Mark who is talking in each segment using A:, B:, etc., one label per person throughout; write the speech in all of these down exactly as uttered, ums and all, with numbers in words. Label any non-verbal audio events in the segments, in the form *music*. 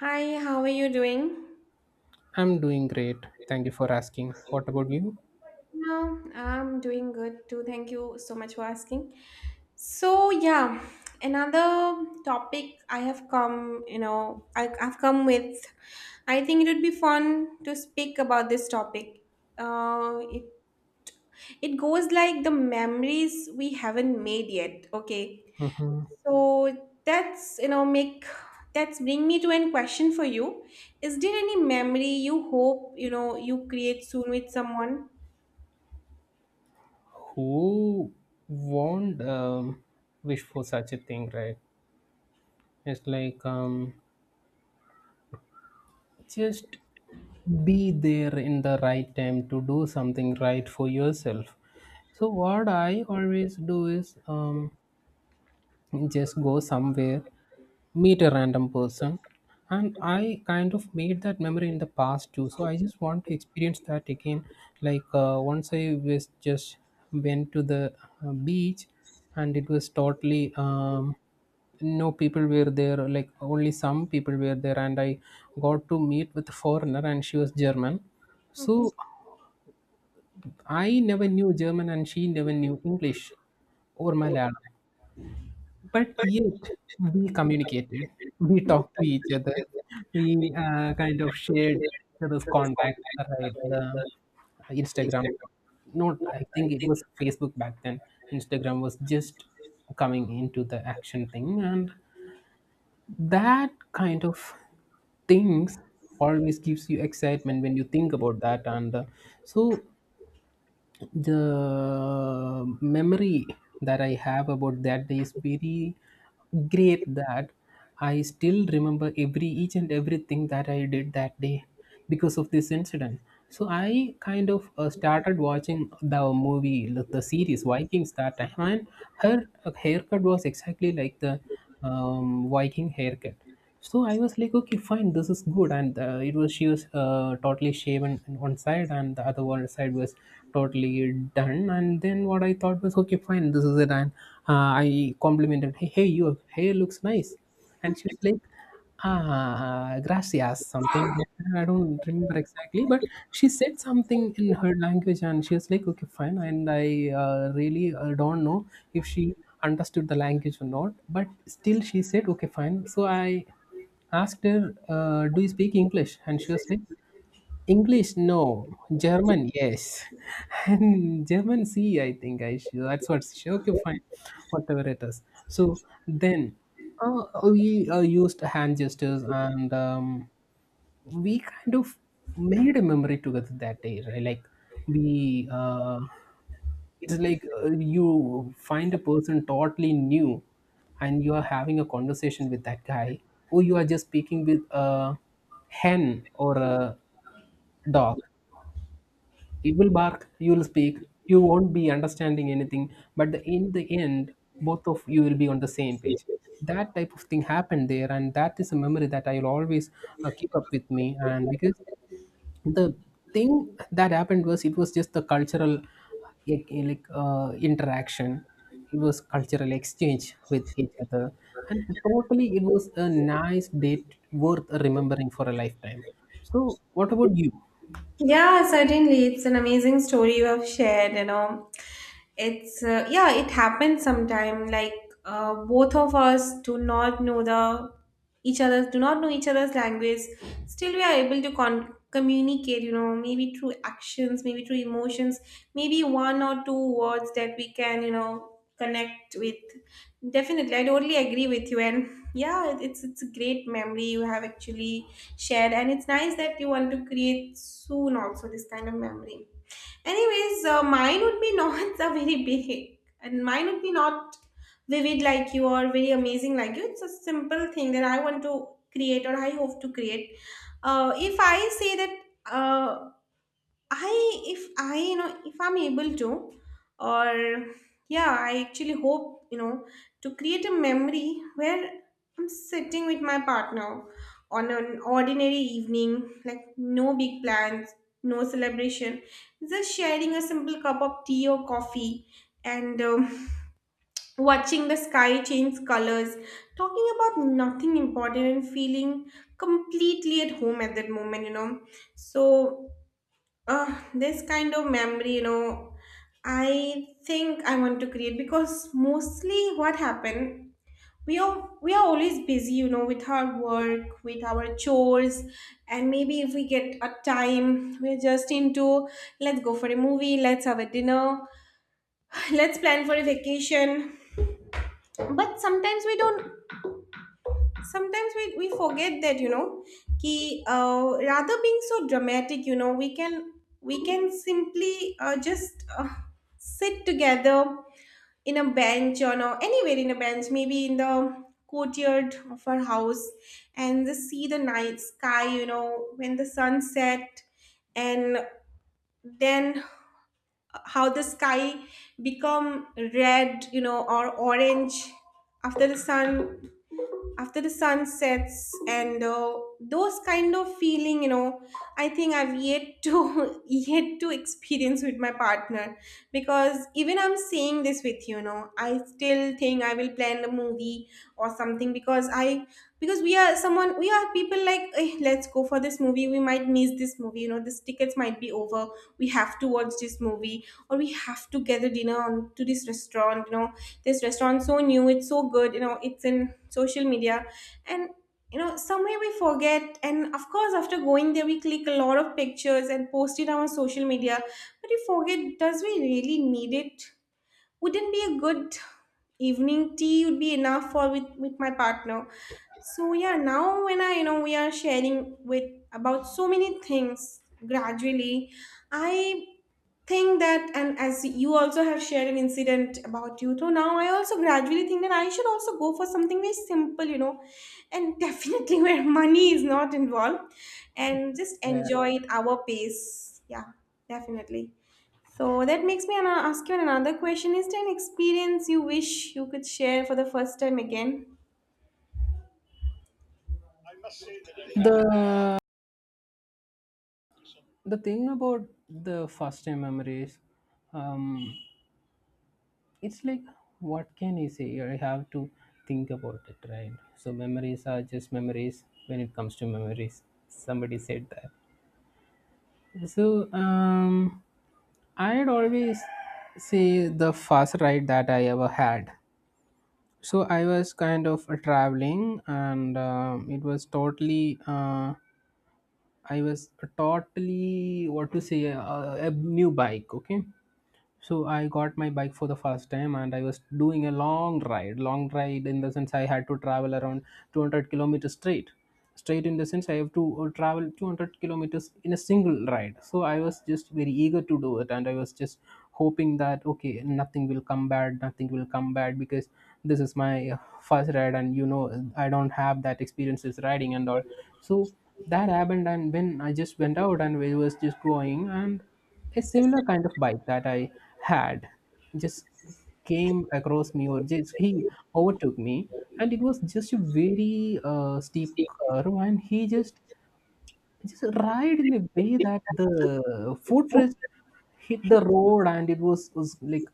A: Hi, how are you doing?
B: I'm doing great. Thank you for asking. What about you?
A: No, I'm doing good too. Thank you so much for asking. So yeah, another topic I have come, you know, I, I've come with. I think it would be fun to speak about this topic. Uh, it it goes like the memories we haven't made yet. Okay,
B: Mhm.
A: so that's you know make that's bring me to an question for you. Is there any memory you hope you know you create soon with someone?
B: Who won't um, wish for such a thing, right? It's like um, just be there in the right time to do something right for yourself. So what I always do is um, just go somewhere, meet a random person. And I kind of made that memory in the past too. So I just want to experience that again. Like uh, once I was just went to the uh, beach, and it was totally um, no people were there, like only some people were there. And I got to meet with a foreigner, and she was German.
A: Mm-hmm.
B: So I never knew German and she never knew English or Malayalam, but yet we communicated, we talked to each other, we uh, kind of shared each other's contact. Right, the Instagram, not, I think it was Facebook back then. Instagram was just coming into the action thing, and that kind of things always gives you excitement when you think about that. And uh, so the memory that I have about that day is very great, that I still remember every each and everything that I did that day because of this incident. So I kind of uh, started watching the movie, like the series Vikings, that time, and her haircut was exactly like the um, Viking haircut. So I was like, okay, fine, this is good, and uh, it was, she was uh, totally shaven on one side and the other one side was totally done. And then what I thought was, okay, fine, this is it, and uh, I complimented, hey, hey, your hair looks nice. And she was like, "Ah, gracias," something like that. I don't remember exactly, but she said something in her language, and she was like, "Okay, fine." And I uh, really uh, don't know if she understood the language or not, but still, she said, "Okay, fine." So I asked her, uh, "Do you speak English?" And she was like, "English, no. German, yes." *laughs* And German, C, I think I should. That's what she. Okay, fine. Whatever it is. So then, uh, we uh, used hand gestures, and um, we kind of made a memory together that day, right? Like, we uh, it's like uh, you find a person totally new, and you are having a conversation with that guy, or you are just speaking with a hen or a dog. It will bark, you will speak, you won't be understanding anything, but the, in the end, both of you will be on the same page. That type of thing happened there, and that is a memory that I will always uh, keep up with me. And because the thing that happened was, it was just the cultural like like, uh, interaction. It was cultural exchange with each other, and totally it was a nice date worth remembering for a lifetime. So what about you?
A: Yeah, certainly. It's an amazing story you have shared, you know. It's uh, yeah, it happens sometime. Like uh, both of us do not know the each other's do not know each other's language. Still, we are able to con- communicate. You know, maybe through actions, maybe through emotions, maybe one or two words that we can you know connect with. Definitely, I totally agree with you. And yeah, it- it's it's a great memory you have actually shared, and it's nice that you want to create soon also this kind of memory. Anyways, uh, mine would be not *laughs* a very big, and mine would be not vivid like you or very amazing like you. It's a simple thing that I want to create or I hope to create. Uh, if I say that uh, I if I you know if I'm able to, or yeah, I actually hope you know to create a memory where I'm sitting with my partner on an ordinary evening, like no big plans, no celebration, just sharing a simple cup of tea or coffee, and um, *laughs* watching the sky change colors, talking about nothing important, and feeling completely at home at that moment you know So uh, this kind of memory, you know I think I want to create, because mostly what happened, we are we are always busy, you know with our work, with our chores. And maybe if we get a time, we're just into, let's go for a movie, let's have a dinner, *laughs* let's plan for a vacation. But sometimes we don't, sometimes we, we forget that, you know ki uh, rather being so dramatic, you know we can, we can simply uh, just uh, sit together in a bench, or no, anywhere in a bench, maybe in the courtyard of our house, and just see the night sky, you know when the sun set, and then how the sky become red, you know or orange after the sun, after the sun sets. And uh, those kind of feeling, you know I think I've yet to *laughs* yet to experience with my partner, because even I'm saying this with you, you know I still think I will plan the movie or something. Because I because we are someone, we are people like, "Eh, let's go for this movie, we might miss this movie, you know this tickets might be over, we have to watch this movie, or we have to gather dinner on to this restaurant, you know this restaurant so new, it's so good, you know it's in social media." And you know somewhere we forget, and of course, after going there we click a lot of pictures and post it on our social media, but we forget, does we really need it? Wouldn't be a good evening, tea would be enough for, with, with my partner. So yeah, now when I, you know we are sharing with about so many things, gradually I think that, and as you also have shared an incident about you, so now I also gradually think that I should also go for something very simple, you know and definitely, *laughs* where money is not involved, and just
B: Yeah.
A: enjoy it our pace. Yeah, definitely. So that makes me an- ask you another question. Is there an experience you wish you could share for the first time again?
B: the the thing about the first time memories, um it's like, what can you say? I have to think about it, right? So memories are just memories. When it comes to memories, somebody said that. So, um, I'd always say the first ride that I ever had. So I was kind of traveling, and um, it was totally. Uh, I was totally, what to say, uh, a new bike. Okay, so I got my bike for the first time, and I was doing a long ride. Long ride in the sense I had to travel around two hundred kilometers straight. Straight in the sense I have to uh, travel two hundred kilometers in a single ride. So I was just very eager to do it, and I was just hoping that, okay, nothing will come bad, nothing will come bad, because this is my uh, first ride, and you know, I don't have that experiences riding and all. So that happened, and when I just went out and we was just going, and a similar kind of bike that I had just came across me, or just he overtook me. And it was just a very uh, steep curve, and he just just ride in a way that the footrest hit the road, and it was, was like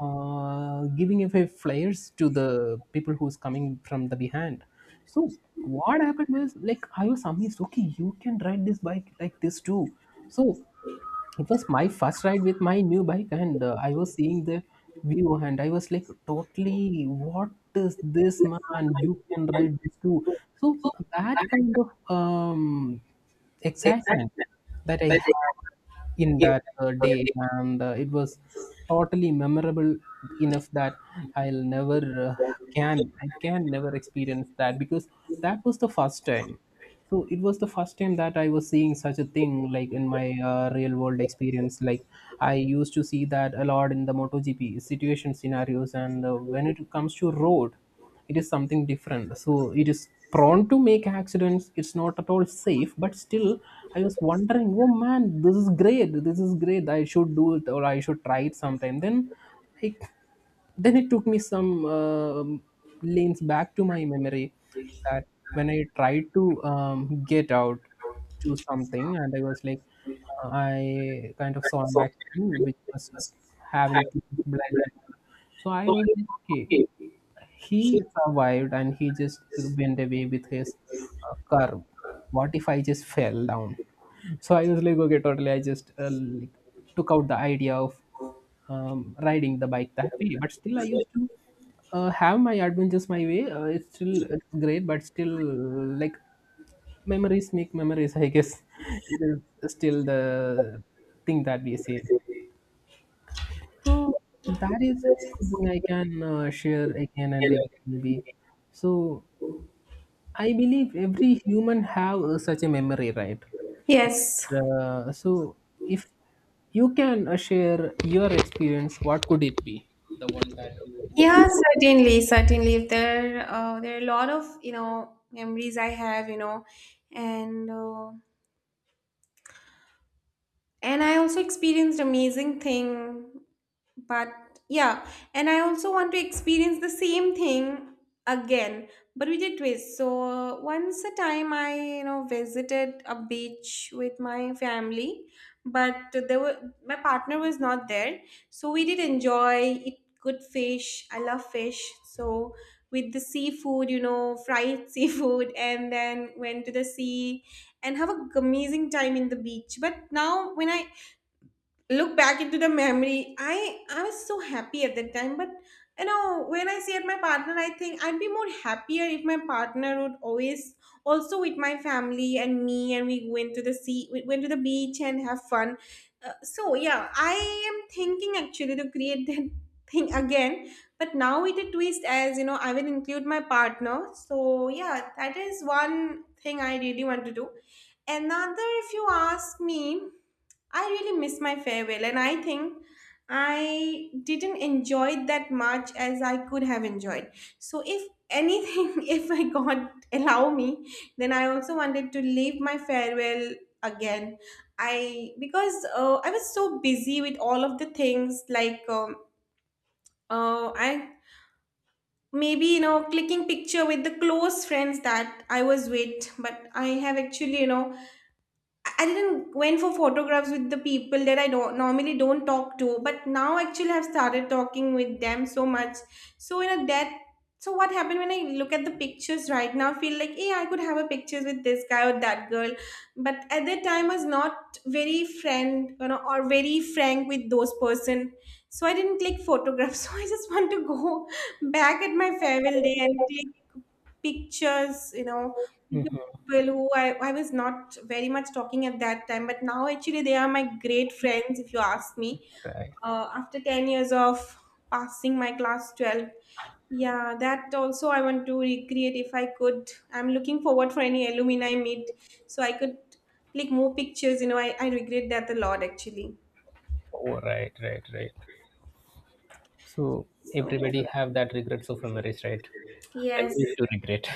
B: uh, giving away flares to the people who's coming from the behind. So what happened was, like, I was amazed. Okay, you can ride this bike like this too. So it was my first ride with my new bike, and uh, I was seeing the view, and I was like, totally, what is this, man? You can ride this too. So that kind of um, excitement that I had in that uh, day, and uh, it was totally memorable enough that I'll never uh, can i can never experience that, because that was the first time. So it was the first time that I was seeing such a thing, like in my uh, real world experience. Like, I used to see that a lot in the MotoGP situation scenarios, and uh, when it comes to road, it is something different. So it is prone to make accidents, it's not at all safe, but still I was wondering, oh man, this is great, this is great, I should do it, or I should try it sometime. Then, like, then it took me some um lanes back to my memory, that when I tried to um, get out to something, and I was like, uh, I kind of saw an accident which was having to bleed and all. So I was like, okay, he survived and he just went away with his uh, car. What if I just fell down? So I was like, okay, totally, I just uh, like, took out the idea of um, riding the bike that way. But still, I used to uh, have my adventures my way. Uh, it's still it's great, but still, like, memories make memories, I guess. *laughs* It is still the thing that we say. So that is something I can uh, share again and again, maybe. So I believe every human have uh, such a memory, right?
A: Yes.
B: Uh, so if you can uh, share your experience, what could it be? The one that
A: Yeah,
B: you.
A: certainly, certainly. If there, uh, there are a lot of you know memories I have, you know, and uh, and I also experienced amazing thing. But yeah, and I also want to experience the same thing again, but with a twist. So once a time I, you know visited a beach with my family, but there were my partner was not there. So we did enjoy it. Good fish, I love fish. So with the seafood, you know fried *laughs* seafood and then went to the sea and have a amazing time in the beach. But now when I look back into the memory, i i was so happy at that time. But you know when I see at my partner, I think I'd be more happier if my partner would always also with my family and me, and we went to the sea, we went to the beach and have fun. Uh, so yeah, I am thinking actually to create that *laughs* thing again, but now with a twist, as you know I will include my partner. So yeah, that is one thing I really want to do. Another if you ask me, I really miss my farewell, and I think I didn't enjoy it that much as I could have enjoyed. So, if anything, *laughs* if I God allow me, then I also wanted to leave my farewell again. I because uh, I was so busy with all of the things, like um, uh, I maybe you know clicking picture with the close friends that I was with, but I have actually you know I didn't went for photographs with the people that I don't normally don't talk to, but now actually I've started talking with them so much. So in a that so what happened, when I look at the pictures right now, I feel like, hey, I could have a pictures with this guy or that girl. But at that time I was not very friend, you know, or very frank with those person. So I didn't click photographs. *laughs* So I just want to go back at my farewell day and click pictures, you know, people who I, I was not very much talking at that time, but now actually they are my great friends, if you ask me.
B: Right.
A: Uh, after ten years of passing my class twelve, yeah, that also I want to recreate if I could. I'm looking forward for any alumni meet so I could click more pictures. You know, I, I regret that a lot actually.
B: Oh, right, right, right. so
A: So,
B: Everybody have that regrets of memories, right?
A: yes.
B: Memories to regret.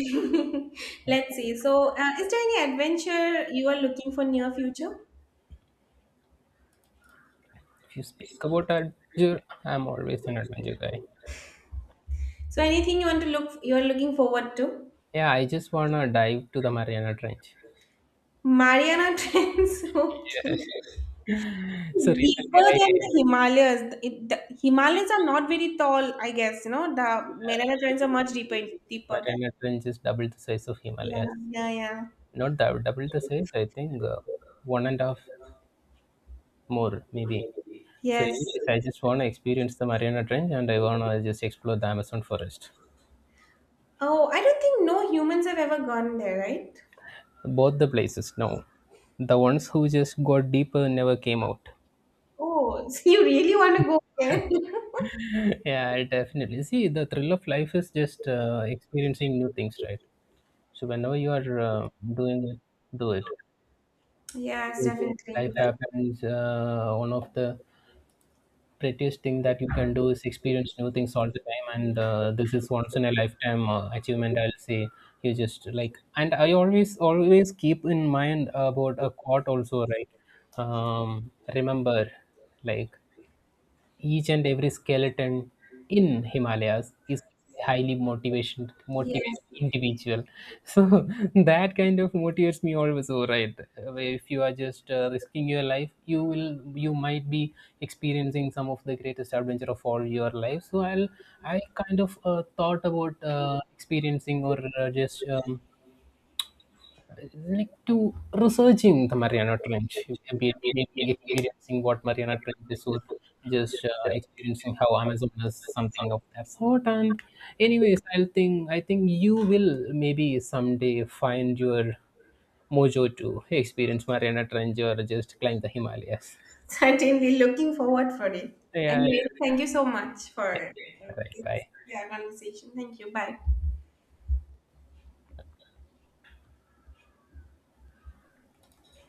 A: *laughs* Let's see. So, uh, is there any adventure you are looking for near future?
B: *laughs* If you speak about adventure, I'm always an adventure guy.
A: So, anything you want to look, you are looking forward to?
B: Yeah, I just wanna dive to the Mariana Trench.
A: Mariana Trench, *laughs* okay.
B: Yes. So recently,
A: Deeper than the
B: I
A: Himalayas. The- It, the Himalayas are not very tall, I guess. You know, the Mariana Trench are much deeper, deeper than.
B: Mariana Trench is double the size of
A: Yeah,
B: Himalayas.
A: yeah, yeah.
B: Not dou- double the size. I think uh, one and a half more maybe. So
A: Yes.
B: anyways, I just want to experience the Mariana Trench, and I want to just explore the Amazon forest.
A: Oh, I don't think no humans have ever gone there, right?
B: Both the places. No, the ones who just got deeper never came out.
A: Oh, *laughs* so you really want to go there? *laughs*
B: *laughs* Yeah, definitely. See, the thrill of life is just uh, experiencing new things, right? So whenever you are uh, doing it, do it.
A: Yes,
B: Because
A: definitely.
B: life happens. Uh, one of the prettiest thing that you can do is experience new things all the time, and uh, this is once in a lifetime uh, achievement, I'll say. You just like, and I always always keep in mind about a quote also, right? Um remember, like, each and every skeleton in Himalayas is highly motivation motivated
A: Yes,
B: individual, so *laughs* that kind of motivates me always. All right, if you are just uh, risking your life, you will you might be experiencing some of the greatest adventure of all your life. So i'll i kind of uh, thought about uh, experiencing, or uh, just um, like to researching the Mariana Trench, maybe, maybe experiencing what Mariana Trench is, or just uh, experiencing how Amazon is, something of that sort. And anyways, I think I think you will maybe someday find your mojo to experience Mariana Trench or just climb the Himalayas.
A: certainly looking forward for it.
B: Yeah,
A: Anyway, thank you so much
B: yeah.
A: for
B: All right,
A: this,
B: bye.
A: yeah, conversation. Thank you. Bye.